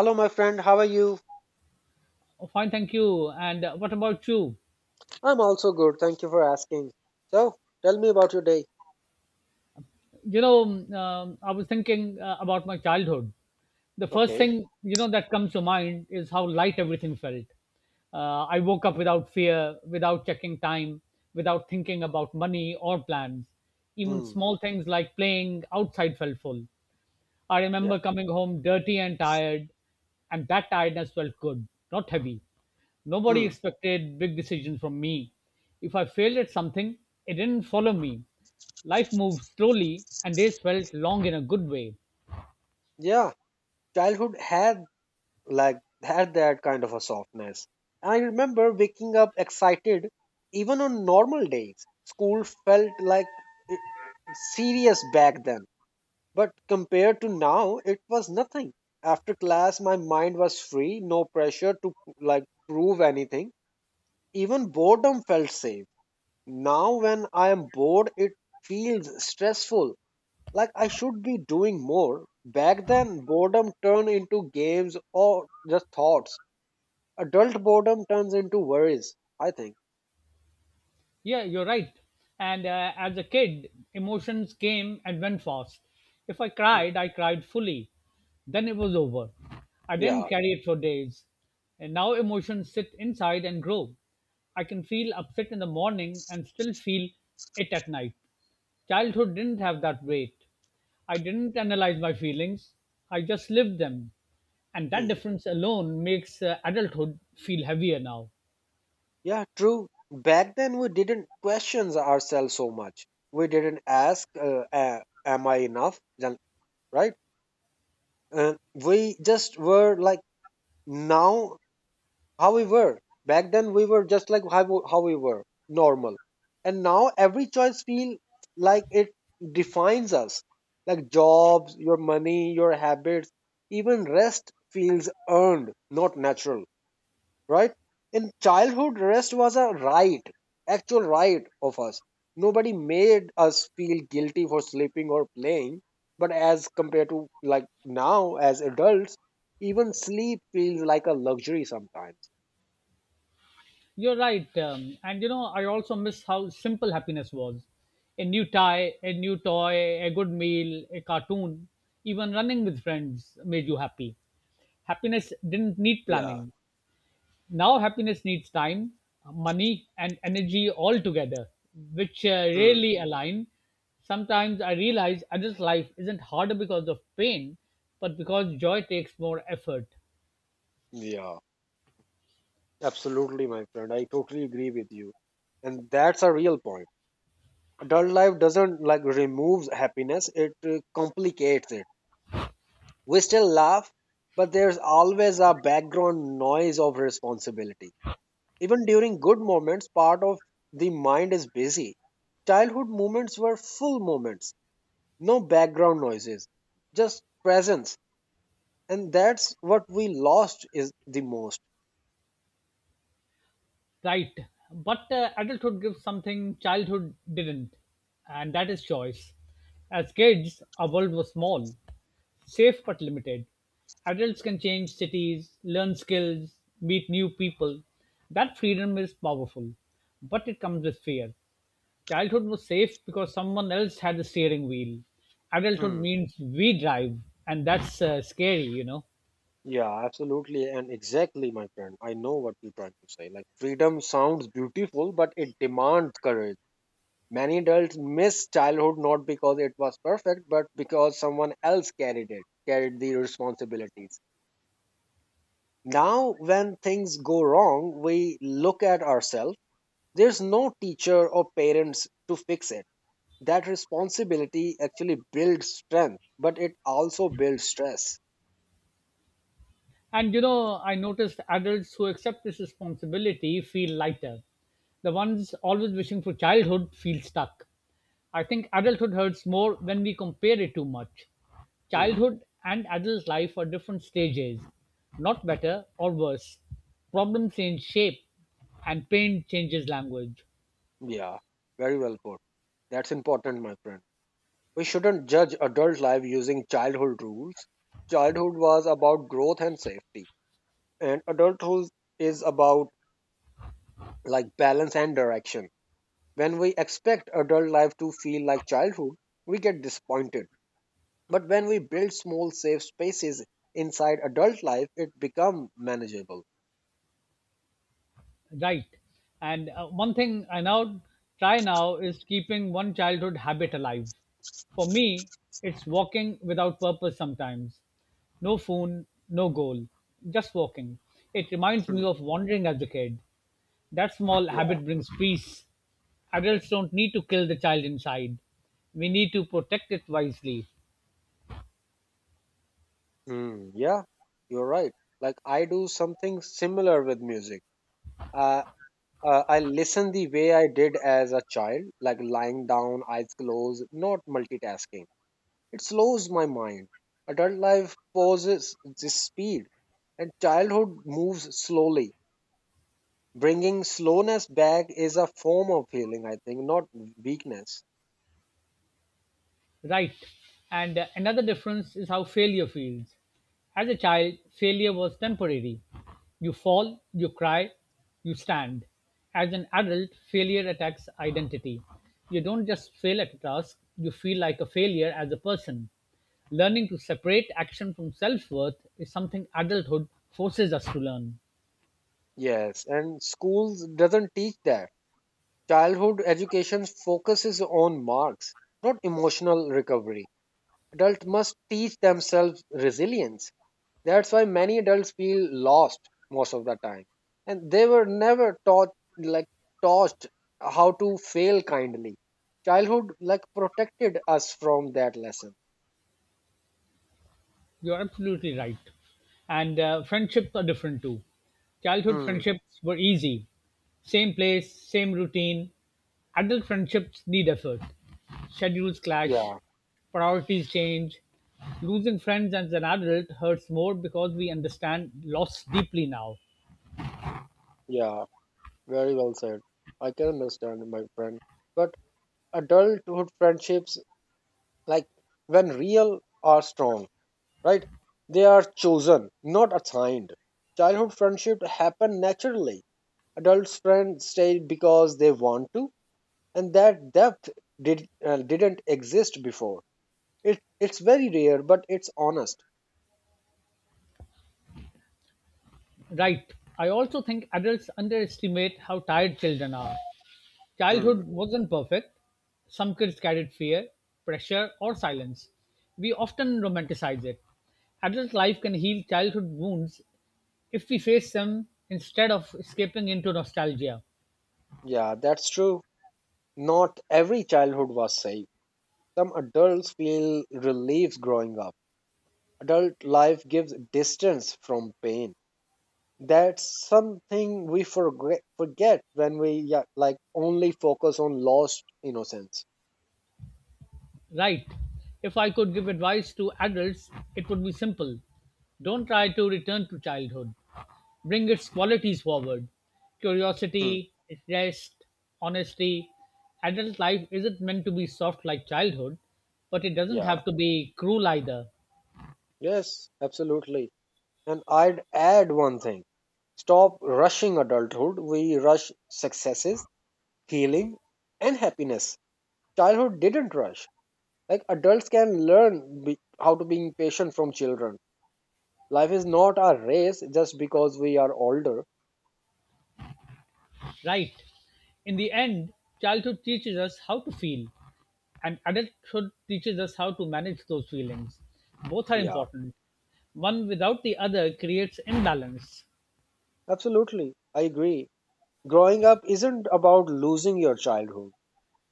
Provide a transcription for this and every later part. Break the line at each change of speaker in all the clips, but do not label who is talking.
Hello, my friend. How are you?
Oh, fine, thank you. And what about you?
I'm also good. Thank you for asking. So, tell me about your day.
I was thinking about my childhood. The first
Okay.
thing that comes to mind is how light everything felt. I woke up without fear, without checking time, without thinking about money or plans. Even
Hmm.
small things like playing outside felt full. I
Yeah.
remember coming home dirty and tired, and that tiredness felt good, not heavy. Nobody
Hmm.
expected big decisions from me. If I failed at something, it didn't follow me. Life moved slowly, and days felt long in a good way.
Yeah. Childhood had had that kind of a softness. I remember waking up excited even on normal days. School felt like i- serious back then, but compared to now, it was nothing. After class, my mind was free, no pressure to prove anything. Even boredom felt safe. Now, when I am bored, it feels stressful, like I should be doing more. Back then, boredom turned into games or just thoughts. Adult boredom turns into worries, I think.
Yeah, you're right. And as a kid, emotions came and went fast. If I
Mm,
cried, I cried fully. Then it was over. I didn't
Yeah.
carry it for days. And now emotions sit inside and grow. I can feel upset in the morning and still feel it at night. Childhood didn't have that weight. I didn't analyze my feelings, I just lived them. And that
mm.
difference alone makes adulthood feel heavier now.
Yeah, true. Back then, we didn't question ourselves so much. We didn't ask, am I enough? Right? And we just were like, now how we were back then we were just like how, how we were normal, and now every choice feel like it defines us, like jobs, your money, your habits, even rest feels earned, not natural, right? In childhood, rest was a right, actual right of us. Nobody made us feel guilty for sleeping or playing, but as compared to like now as adults, even sleep feels like a luxury sometimes.
You're right. And you know, I also miss how simple happiness was a new tie, a new toy, a good meal, a cartoon, even running with friends made you happy. Happiness didn't need
Yeah.
planning. Now happiness needs time, money, and energy all together, which
Hmm.
rarely align. Sometimes I realize adult life isn't harder because of pain, but because joy takes more effort.
Yeah. Absolutely, my friend. I totally agree with you. And that's a real point. Adult life doesn't like removes happiness, it complicates it. We still laugh, but there's always a background noise of responsibility. Even during good moments, part of the mind is busy. Childhood moments were full moments, no background noises, just presence. And that's what we lost is the most.
Right. But adulthood gives something childhood didn't, and that is choice. As kids, our world was small, safe but limited. Adults can change cities, learn skills, meet new people. That freedom is powerful, but it comes with fear. Childhood was safe because someone else had the steering wheel. Adulthood
Hmm.
means we drive, and that's scary, you know.
Yeah, absolutely, and exactly, my friend. I know what you're trying to say. Like, freedom sounds beautiful, but it demands courage. Many adults miss childhood not because it was perfect, but because someone else carried it, carried the responsibilities. Now, when things go wrong, we look at ourselves. There's no teacher or parents to fix it. That responsibility actually builds strength, but it also builds stress.
And you know, I noticed adults who accept this responsibility feel lighter. The ones always wishing for childhood feel stuck. I think adulthood hurts more when we compare it too much.
Hmm.
Childhood and adult life are different stages, not better or worse. Problems change shape, and pain changes language.
Yeah, very well put. That's important, my friend. We shouldn't judge adult life using childhood rules. Childhood was about growth and safety, and adulthood is about like balance and direction. When we expect adult life to feel like childhood, we get disappointed. But when we build small safe spaces inside adult life, it becomes manageable.
Right. And one thing I now try now is keeping one childhood habit alive. For me, it's walking without purpose sometimes. No phone, no goal, just walking. It reminds me
Hmm.
of wandering as a kid. That small
Yeah.
habit brings peace. Adults don't need to kill the child inside. We need to protect it wisely.
Hmm. Yeah, you're right. Like I do something similar with music. Uh, I listen the way I did as a child, like lying down, eyes closed, not multitasking. It slows my mind. Adult life pauses the speed, and childhood moves slowly. Bringing slowness back is a form of healing, I think, not weakness.
Right. And another difference is how failure feels. As a child, failure was temporary. You fall, you cry, you stand. As an adult, failure attacks identity. You don't just fail at a task, you feel like a failure as a person. Learning to separate action from self worth is something adulthood forces us to learn.
Yes, and school doesn't teach that. Childhood education focuses on marks, not emotional recovery. Adults must teach themselves resilience. That's why many adults feel lost most of the time. And they were never taught like taught how to fail kindly. Childhood like protected us from that lesson.
You're absolutely right. And friendships are different too. Childhood
Hmm.
friendships were easy, same place, same routine. Adult friendships need effort. Schedules clash,
Yeah,
priorities change. Losing friends as an adult hurts more because we understand loss deeply now.
yeah, very well said. I can understand, my friend. But adulthood friendships, like when real, are strong, right? They are chosen, not assigned. Childhood friendship happen naturally. Adults friends stay because they want to. And that depth didn't exist before, it's very rare, but it's honest.
Right. I also think adults underestimate how tired children are.
Hmm.
Childhood wasn't perfect. Some kids carried fear, pressure, or silence. We often romanticize it. Adult life can heal childhood wounds if we face them instead of escaping into nostalgia.
Yeah, that's true. Not every childhood was safe. Some adults feel relief growing up. Adult life gives distance from pain. That's something we forget when we, yeah, like only focus on lost innocence.
Right. If I could give advice to adults, it would be simple. Don't try to return to childhood. Bring its qualities forward:
Hmm.
curiosity, rest, honesty. Adult life isn't meant to be soft like childhood, but it doesn't
Yeah,
have to be cruel either,
yes, absolutely. And I'd add one thing. Stop rushing adulthood. We rush successes, healing, and happiness. Childhood didn't rush. Like adults can how to be patient from children. Life is not a race just because we are older.
right? In the end, childhood teaches us how to feel, and adulthood teaches us how to manage those feelings. Both are
Yeah,
important. One without the other creates imbalance.
absolutely. I agree. Growing up isn't about losing your childhood.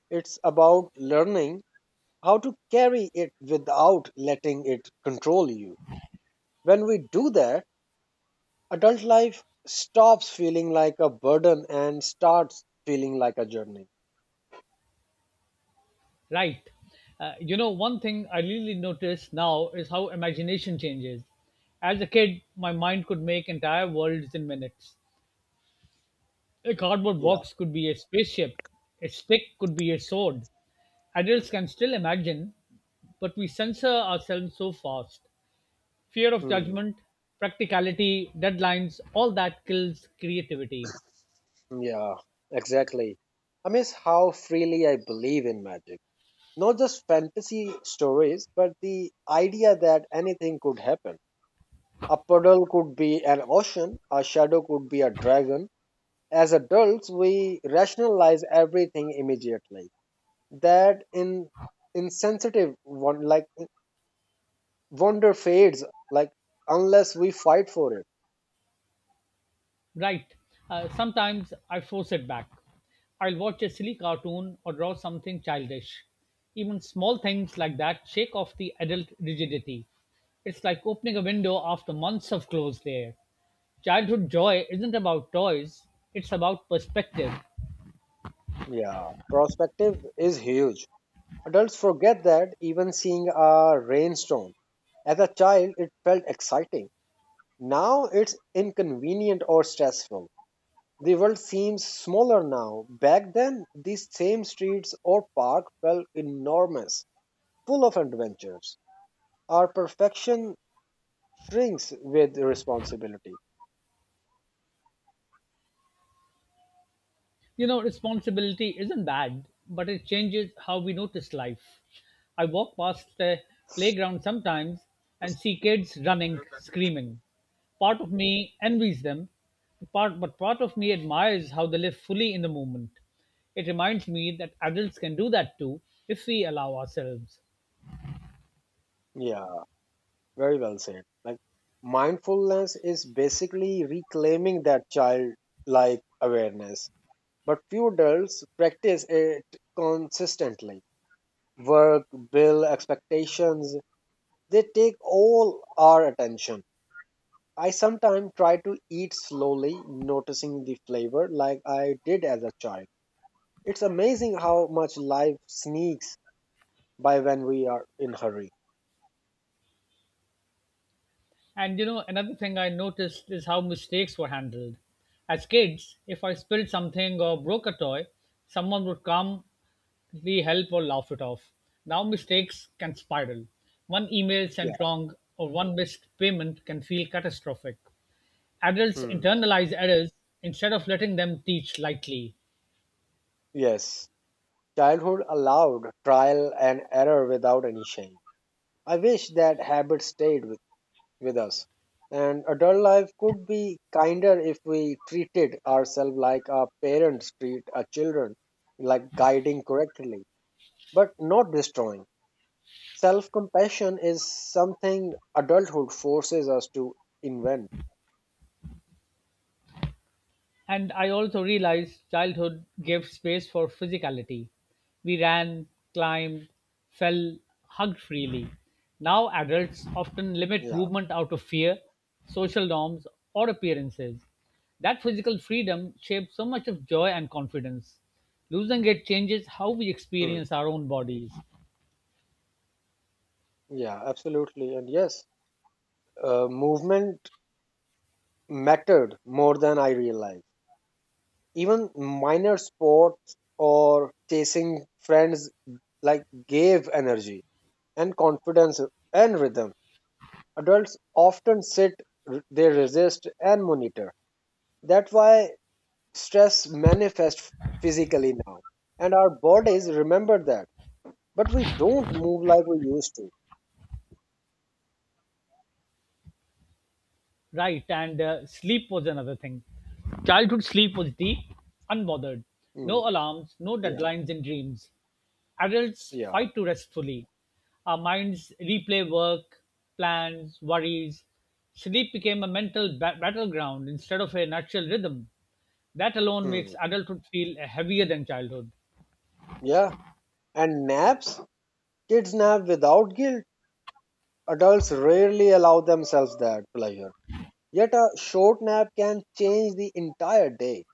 It's about learning how to carry it without letting it control you. When we do that, adult life stops feeling like a burden and starts feeling like a journey.
Right. You know, one thing I really notice now is how imagination changes. As a kid, my mind could make entire worlds in minutes. A cardboard
Yeah.
box could be a spaceship, a stick could be a sword. Adults can still imagine, but we censor ourselves so fast. Fear of
Hmm.
judgment, practicality, deadlines, all that kills creativity.
Yeah, exactly. I miss how freely I believe in magic. Not just fantasy stories, but the idea that anything could happen. A puddle could be an ocean, a shadow could be a dragon. As adults, we rationalize everything immediately. That in insensitive one like wonder fades, like unless we fight for it.
Right. Sometimes I force it back. I'll watch a silly cartoon or draw something childish. Even small things like that shake off the adult rigidity. It's like opening a window after months of closed air. Childhood joy isn't about toys, it's about perspective.
Yeah, perspective is huge. Adults forget that even seeing a rainstorm. As a child, it felt exciting. Now it's inconvenient or stressful. The world seems smaller now. Back then, these same streets or park felt enormous, full of adventures. Our perfection shrinks with responsibility.
You know, responsibility isn't bad, but it changes how we notice life. I walk past the playground sometimes and see kids running, screaming. Part of me envies them, part, but part of me admires how they live fully in the moment. It reminds me that adults can do that too if we allow ourselves.
Yeah. Very well said. Like mindfulness is basically reclaiming that childlike awareness. But few adults practice it consistently. Work, bill, expectations, they take all our attention. I sometimes try to eat slowly, noticing the flavor like I did as a child. It's amazing how much life sneaks by when we are in hurry.
And you know, another thing I noticed is how mistakes were handled. As kids, if I spilled something or broke a toy, someone would calmly help or laugh it off. Now mistakes can spiral. One email
Yeah.
sent wrong or one missed payment can feel catastrophic. Adults
Hmm.
internalize errors instead of letting them teach lightly.
Yes. Childhood allowed trial and error without any shame. I wish that habit stayed with us. And adult life could be kinder if we treated ourselves like our parents treat our children, like guiding correctly, but not destroying. Self compassion is something adulthood forces us to invent.
And I also realized childhood gave space for physicality. We ran, climbed, fell, hugged freely. Now adults often limit
Yeah,
movement out of fear, social norms, or appearances. That physical freedom shapes so much of joy and confidence. Losing it changes how we
hmm.
experience our own bodies.
Yeah, absolutely. And yes, movement mattered more than I realized, even minor sports or chasing friends like gave energy and confidence and rhythm. Adults often sit, they resist and monitor. That's why stress manifests physically now, and our bodies remember that, but we don't move like we used to.
Right, and sleep was another thing. Childhood sleep was deep, unbothered.
Mm,
No alarms, no
yeah.
deadlines in dreams. Adults
yeah
fight to rest fully. Our minds replay work, plans, worries. Sleep became a mental battleground instead of a natural rhythm. That alone
mm,
makes adulthood feel heavier than childhood.
yeah, and naps, kids nap without guilt. Adults rarely allow themselves that pleasure. Yet a short nap can change the entire day.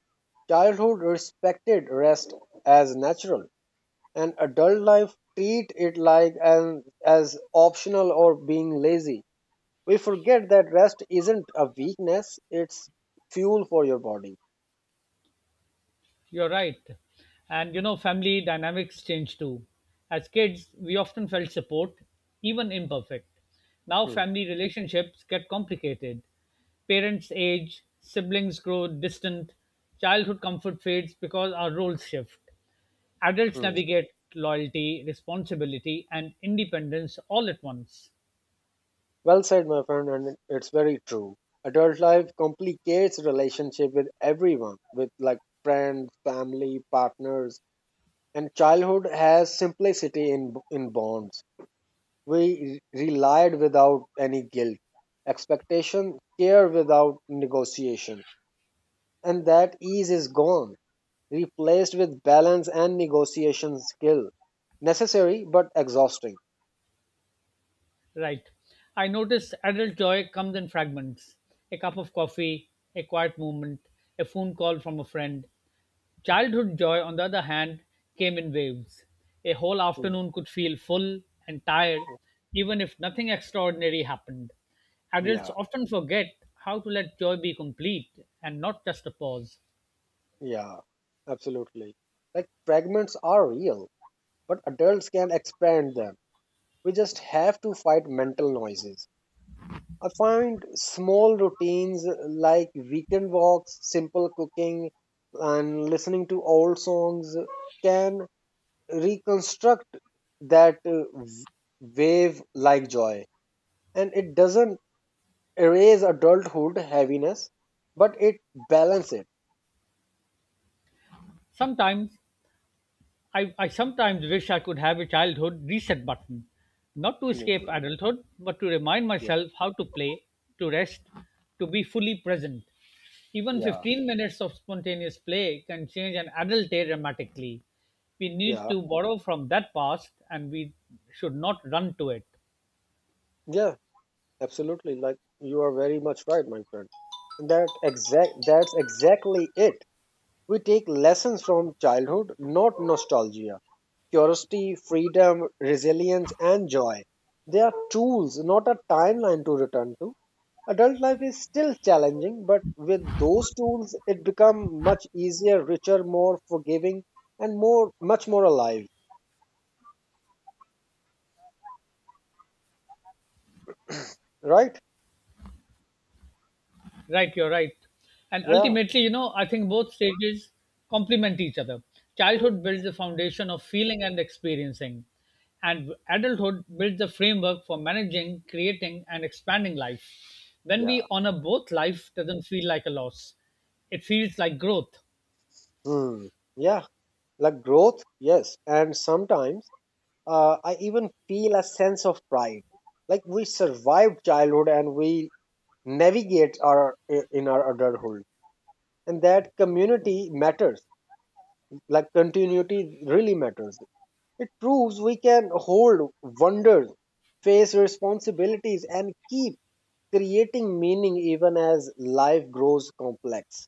Childhood respected rest as natural, and adult life treat it like an as optional or being lazy. We forget that rest isn't a weakness, it's fuel for your body.
You're right. And you know, family dynamics change too. As kids, we often felt support, even imperfect. Now,
Hmm,
family relationships get complicated. Parents age, siblings grow distant, childhood comfort fades because our roles shift. Adults
hmm.
navigate loyalty, responsibility, and independence all at once.
Well said, my friend, and it's very true. Adult life complicates relationship with everyone, with like friends, family, partners, and childhood has simplicity in bonds. We relied without any guilt, expectation, care without negotiation. And that ease is gone, replaced with balance and negotiation skill. Necessary but exhausting.
Right. I notice adult joy comes in fragments: a cup of coffee, a quiet moment, a phone call from a friend. Childhood joy, on the other hand, came in waves. A whole
Mm,
afternoon could feel full and tired, even if nothing extraordinary happened. Adults
Yeah,
often forget how to let joy be complete and not just a pause.
yeah, absolutely. Like fragments are real, but adults can expand them. We just have to fight mental noises. I find small routines like weekend walks, simple cooking, and listening to old songs can reconstruct that wave like joy. And it doesn't erase adulthood heaviness, but it balances it.
Sometimes I sometimes wish I could have a childhood reset button, not to
Mhm.
escape adulthood, but to remind
Yeah,
myself how to play, to rest, to be fully present. Even
yeah,
15 minutes of spontaneous play can change an adult day dramatically. We need
yeah,
to borrow from that past and we should not run to it.
yeah, absolutely. Like you are very much right, my friend. And that's exactly it. We take lessons from childhood, not nostalgia. Curiosity, freedom, resilience, and joy. They are tools, not a timeline to return to. Adult life is still challenging, but with those tools, it becomes much easier, richer, more forgiving, and more, much more alive. Right?
Right, you're right. And
Yeah.
ultimately, you know, I think both stages complement each other. Childhood builds the foundation of feeling and experiencing, and adulthood builds the framework for managing, creating, and expanding life. When
Yeah.
we honor both, life doesn't feel like a loss, it feels like growth.
Hmm. Yeah. Like growth, yes. And sometimes I even feel a sense of pride. Like we survived childhood and we navigate our in our adulthood. And that community matters, like continuity really matters. It proves we can hold wonders, face responsibilities, and keep creating meaning even as life grows complex.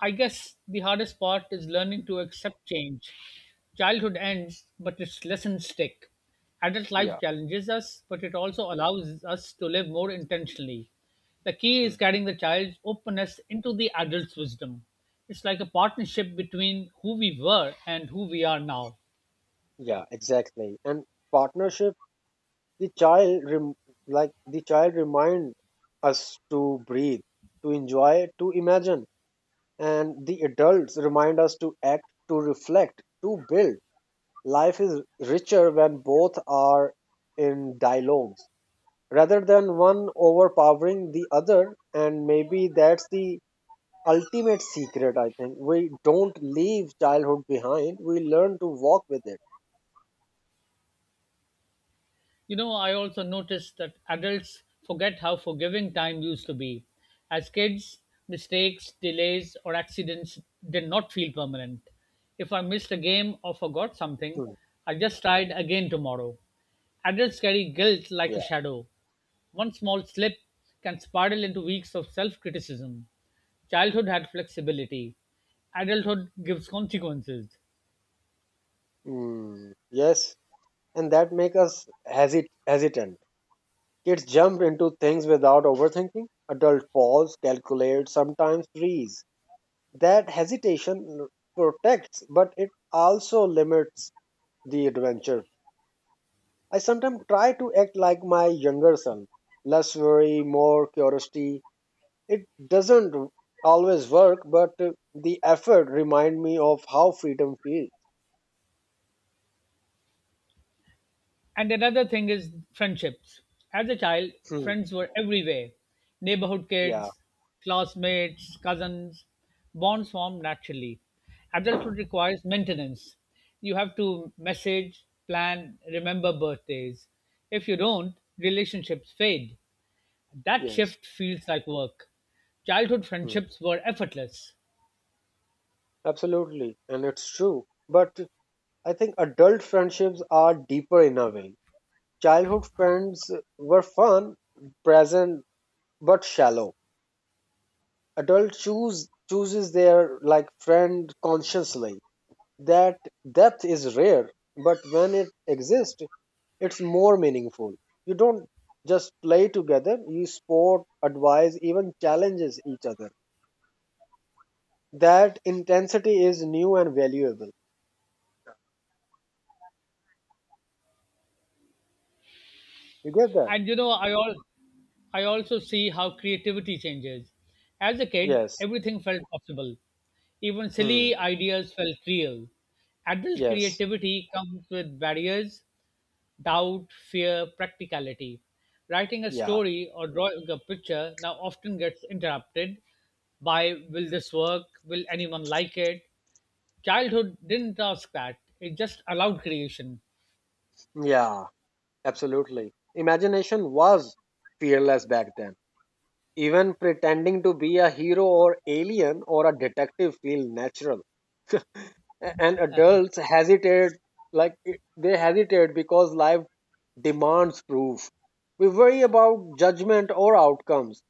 I guess the hardest part is learning to accept change. Childhood ends, but its lessons stick. Adult
Yeah.
life challenges us, but it also allows us to live more intentionally. The key
Hmm.
is carrying the child's openness into the adult's wisdom. It's like a partnership between who we were and who we are now.
Yeah, exactly. And partnership, the child rem- the child remind us to breathe, to enjoy, to imagine, and the adults remind us to act, to reflect, to build. Life is richer when both are in dialogue rather than one overpowering the other. And maybe that's the ultimate secret, I think. We don't leave childhood behind, we learn to walk with it.
You know, I also noticed that adults forget how forgiving time used to be. As kids, mistakes, delays, or accidents did not feel permanent. If I missed a game or forgot something,
Hmm.
I just tried again tomorrow. Adults carry guilt like a
Yeah.
shadow. One small slip can spiral into weeks of self criticism. Childhood had flexibility, adulthood gives consequences.
Mm, yes. And that make us hesitant. Kids jump into things without overthinking. Adult pause, calculate, sometimes freeze. That hesitation protects, but it also limits the adventure. I sometimes try to act like my younger son. Less worry, more curiosity. It doesn't always work, but the effort remind me of how freedom feels.
And another thing is friendships. As a child,
Hmm.
friends were everywhere: neighborhood
Yeah,
kids, classmates, cousins. Bonds formed naturally. Adulthood requires maintenance. You have to message, plan, remember birthdays. If you don't, relationships fade. That
yes.
shift feels like work. Childhood
Hmm.
friendships were effortless.
Absolutely. And it's true. But I think adult friendships are deeper in a way. Childhood friends were fun, present, but shallow. Adult choose chooses their like friend consciously. That depth is rare, but when it exists, it's more meaningful. You don't just play together, you sport, advise, even challenges each other. That intensity is new and valuable. You get that?
And you know, I also see how creativity changes. As a kid,
Yes.
everything felt possible. Even
Hmm.
silly ideas felt real. Adult
Yes.
creativity comes with barriers, doubt, fear, practicality. Writing a
Yeah.
story or drawing a picture now often gets interrupted by, will this work? Will anyone like it? Childhood didn't ask that, it just allowed creation.
Yeah. Absolutely. Imagination was fearless back then. Even pretending to be a hero or alien or a detective feel natural. And adults hesitate, they hesitate because life demands proof. We worry about judgment or outcomes.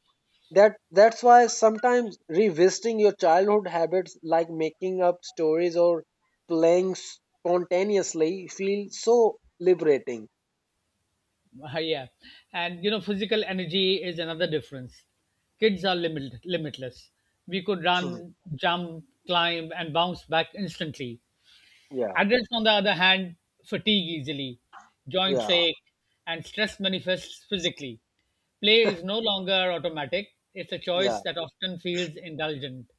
That's why sometimes revisiting your childhood habits like making up stories or playing spontaneously feel so liberating.
Yeah, and you know, physical energy is another difference. Kids are limitless. We could
Hmm.
run, jump, climb, and bounce back instantly.
Yeah,
Adults, on the other hand, fatigue easily, joints
yeah,
ache, and stress manifests physically. Play is no longer automatic, it's a
yeah.
choice that often feels indulgent.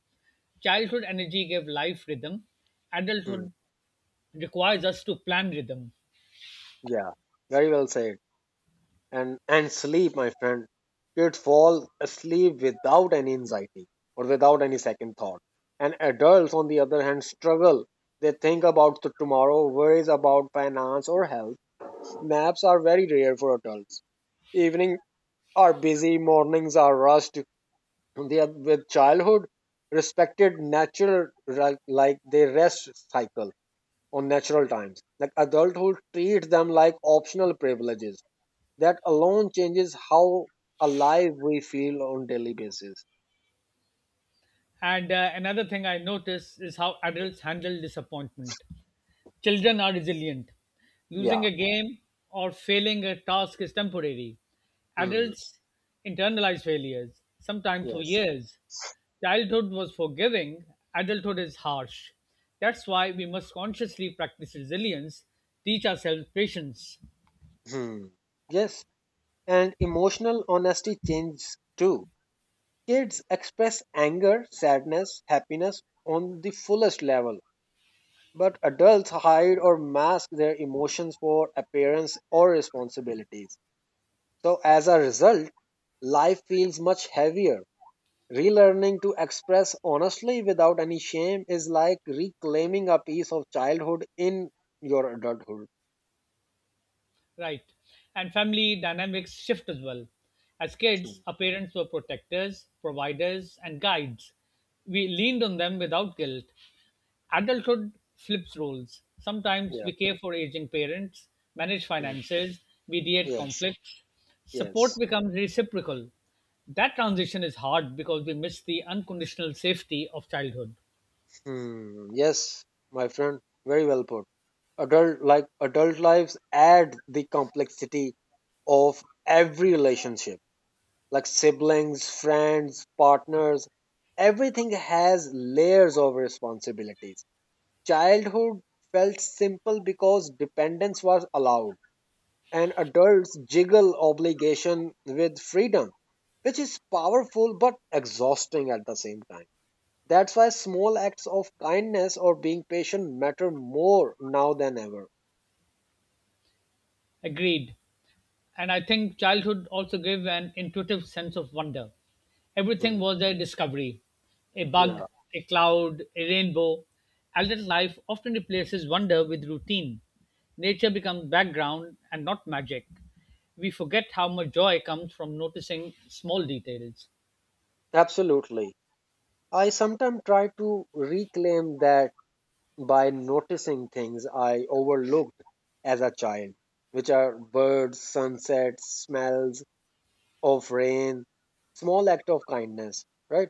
Childhood energy gave life rhythm,
Hmm.
adulthood requires us to plan rhythm.
Yeah, very well said. And sleep, my friend, kids fall asleep without any anxiety or without any second thought. And adults on the other hand struggle. They think about the tomorrow, worries about finance or health. Naps are very rare for adults. Evening are busy, mornings are rushed. They are with childhood respected natural they rest cycle on natural times, like adulthood treats them like optional privileges. That alone changes how alive we feel on daily basis.
And another thing I notice is how adults handle disappointment. Children are resilient. Losing
Yeah.
a game or failing a task is temporary.
Hmm.
Adults internalize failures, sometimes for
Yes.
years. Childhood was forgiving, adulthood is harsh. That's why we must consciously practice resilience, teach ourselves patience.
Hmm. Yes, and emotional honesty changes too. Kids express anger, sadness, happiness on the fullest level, but adults hide or mask their emotions for appearance or responsibilities. So, as a result, life feels much heavier. Relearning to express honestly without any shame is like reclaiming a piece of childhood in your adulthood.
Right. And family dynamics shift as well. As
Hmm.
kids, our parents were protectors, providers, and guides. We leaned on them without guilt. Adulthood flips roles. Sometimes
Yeah.
we care for aging parents, manage
Hmm.
finances, mediate
Yes.
conflicts. Support
Yes.
becomes reciprocal. That transition is hard because we miss the unconditional safety of childhood.
Hmm. Yes, my friend. Very well put. Adult lives add the complexity of every relationship, like siblings, friends, partners. Everything has layers of responsibilities. Childhood felt simple because dependence was allowed, and adults jiggle obligation with freedom, which is powerful but exhausting at the same time. That's why small acts of kindness or being patient matter more now than ever.
Agreed. And I think childhood also gave an intuitive sense of wonder. Everything
Mhm.
was a discovery: a bug,
Yeah,
a cloud, a rainbow. Adult life often replaces wonder with routine. Nature becomes background and not magic. We forget how much joy comes from noticing small details.
absolutely. I sometimes try to reclaim that by noticing things I overlooked as a child, which are birds, sunsets, smells of rain, small act of kindness, right?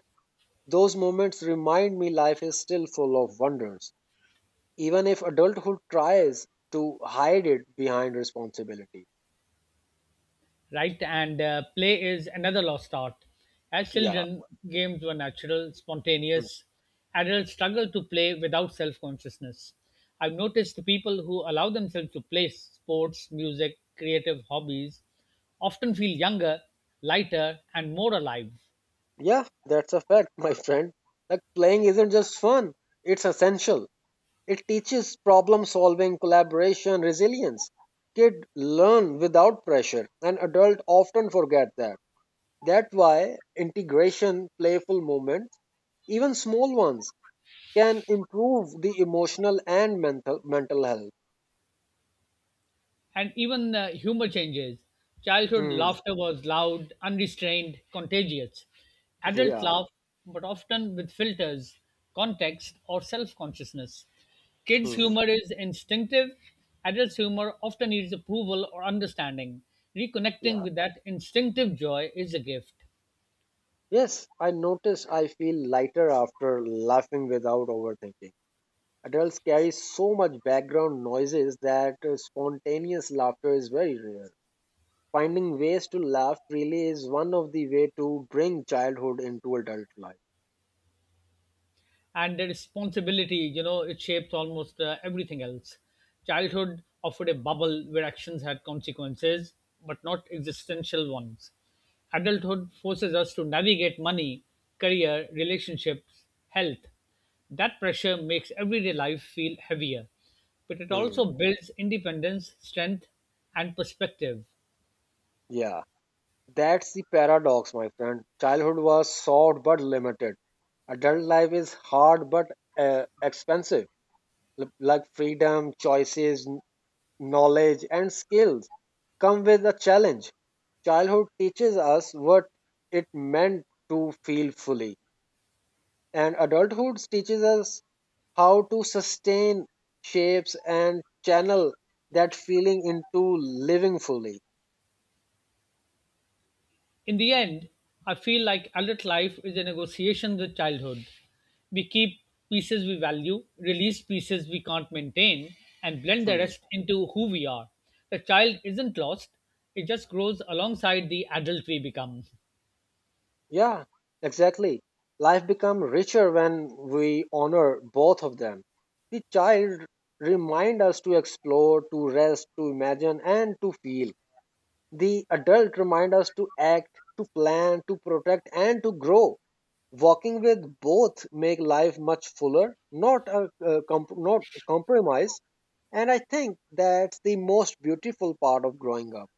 Those moments remind me life is still full of wonders, even if adulthood tries to hide it behind responsibility.
Right? And play is another lost art. As
Yeah.
children, games were natural,
Hmm.
spontaneous. Adults struggle to play without self consciousness. I've noticed the people who allow themselves to play sports, music, creative hobbies often feel younger, lighter, and more alive.
Yeah, that's a fact, my friend. Like playing isn't just fun, it's essential. It teaches problem solving, collaboration, resilience. Kids learn without pressure, and adults often forget that. That's why integration, playful moments, even small ones, can improve the emotional and mental health.
And even humor changes. Childhood
Hmm.
laughter was loud, unrestrained, contagious. Adults
Yeah.
laugh, but often with filters, context, or self consciousness. Kids'
Hmm.
humor is instinctive, adults' humor often needs approval or understanding. Reconnecting
Yeah.
with that instinctive joy is a gift.
Yes, I notice I feel lighter after laughing without overthinking. Adults carry so much background noises that spontaneous laughter is very rare. Finding ways to laugh freely is one of the way to bring childhood into adult life.
And the responsibility, you know, it shapes almost everything else. Childhood offered a bubble where actions had consequences but not existential ones. Adulthood forces us to navigate money, career, relationships, health. That pressure makes everyday life feel heavier, but it
Hmm.
also builds independence, strength, and perspective.
Yeah, that's the paradox, my friend. Childhood was short but limited. Adult life is hard but expensive. Like freedom, choices, knowledge and skills come with a challenge. Childhood teaches us what it meant to feel fully, and adulthood teaches us how to sustain shapes and channel that feeling into living fully.
In the end, I feel like adult life is a negotiation with childhood. We keep pieces we value, release pieces we can't maintain, and blend the
Hmm.
rest into who we are. The child isn't lost, it just grows alongside the adult we become.
Yeah, exactly. Life becomes richer when we honor both of them. The child remind us to explore, to rest, to imagine, and to feel. The adult remind us to act, to plan, to protect, and to grow. Walking with both make life much fuller, not a, a not a compromise. And I think that's the most beautiful part of growing up.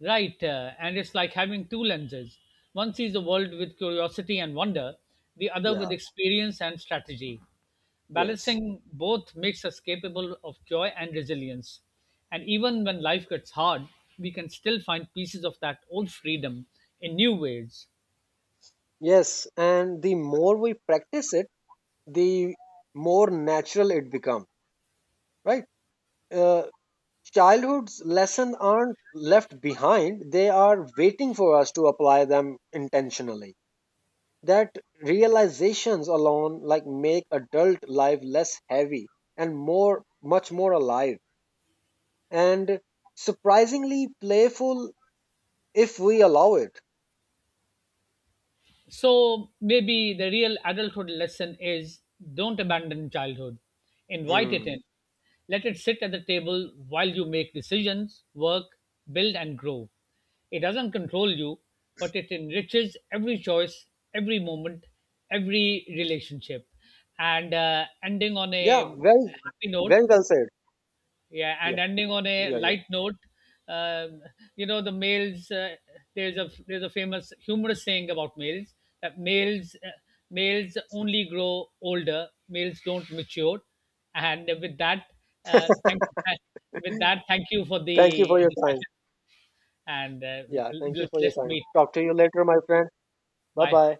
Right, and it's like having two lenses. One sees the world with curiosity and wonder, the other
Yeah.
with experience and strategy.
Yes.
Balancing both makes us capable of joy and resilience. And even when life gets hard, we can still find pieces of that old freedom in new ways.
Yes. And the more we practice it, the more natural it becomes. Right. Uh, childhood's lessons aren't left behind; they are waiting for us to apply them intentionally. That realizations alone like make adult life less heavy and more much more alive and surprisingly playful if we allow it.
So maybe the real adulthood lesson is, don't abandon childhood. Invite it
Hmm.
in. Let it sit at the table while you make decisions, work, build, and grow. It doesn't control you, but it enriches every choice, every moment, every relationship. And ending on
Yeah,
a happy note,
very well said.
yeah,
Yeah,
and ending on a
yeah, yeah,
light note, um, you know the males. There's a famous humorous saying about males that males males only grow older. Males don't mature, and with that, thank with that, thank you for
thank you
the
for your time.
discussion, and
Yeah, thank you
let's
for your
let's
time,
meet.
talk to you later, my friend. Bye
Bye.
bye.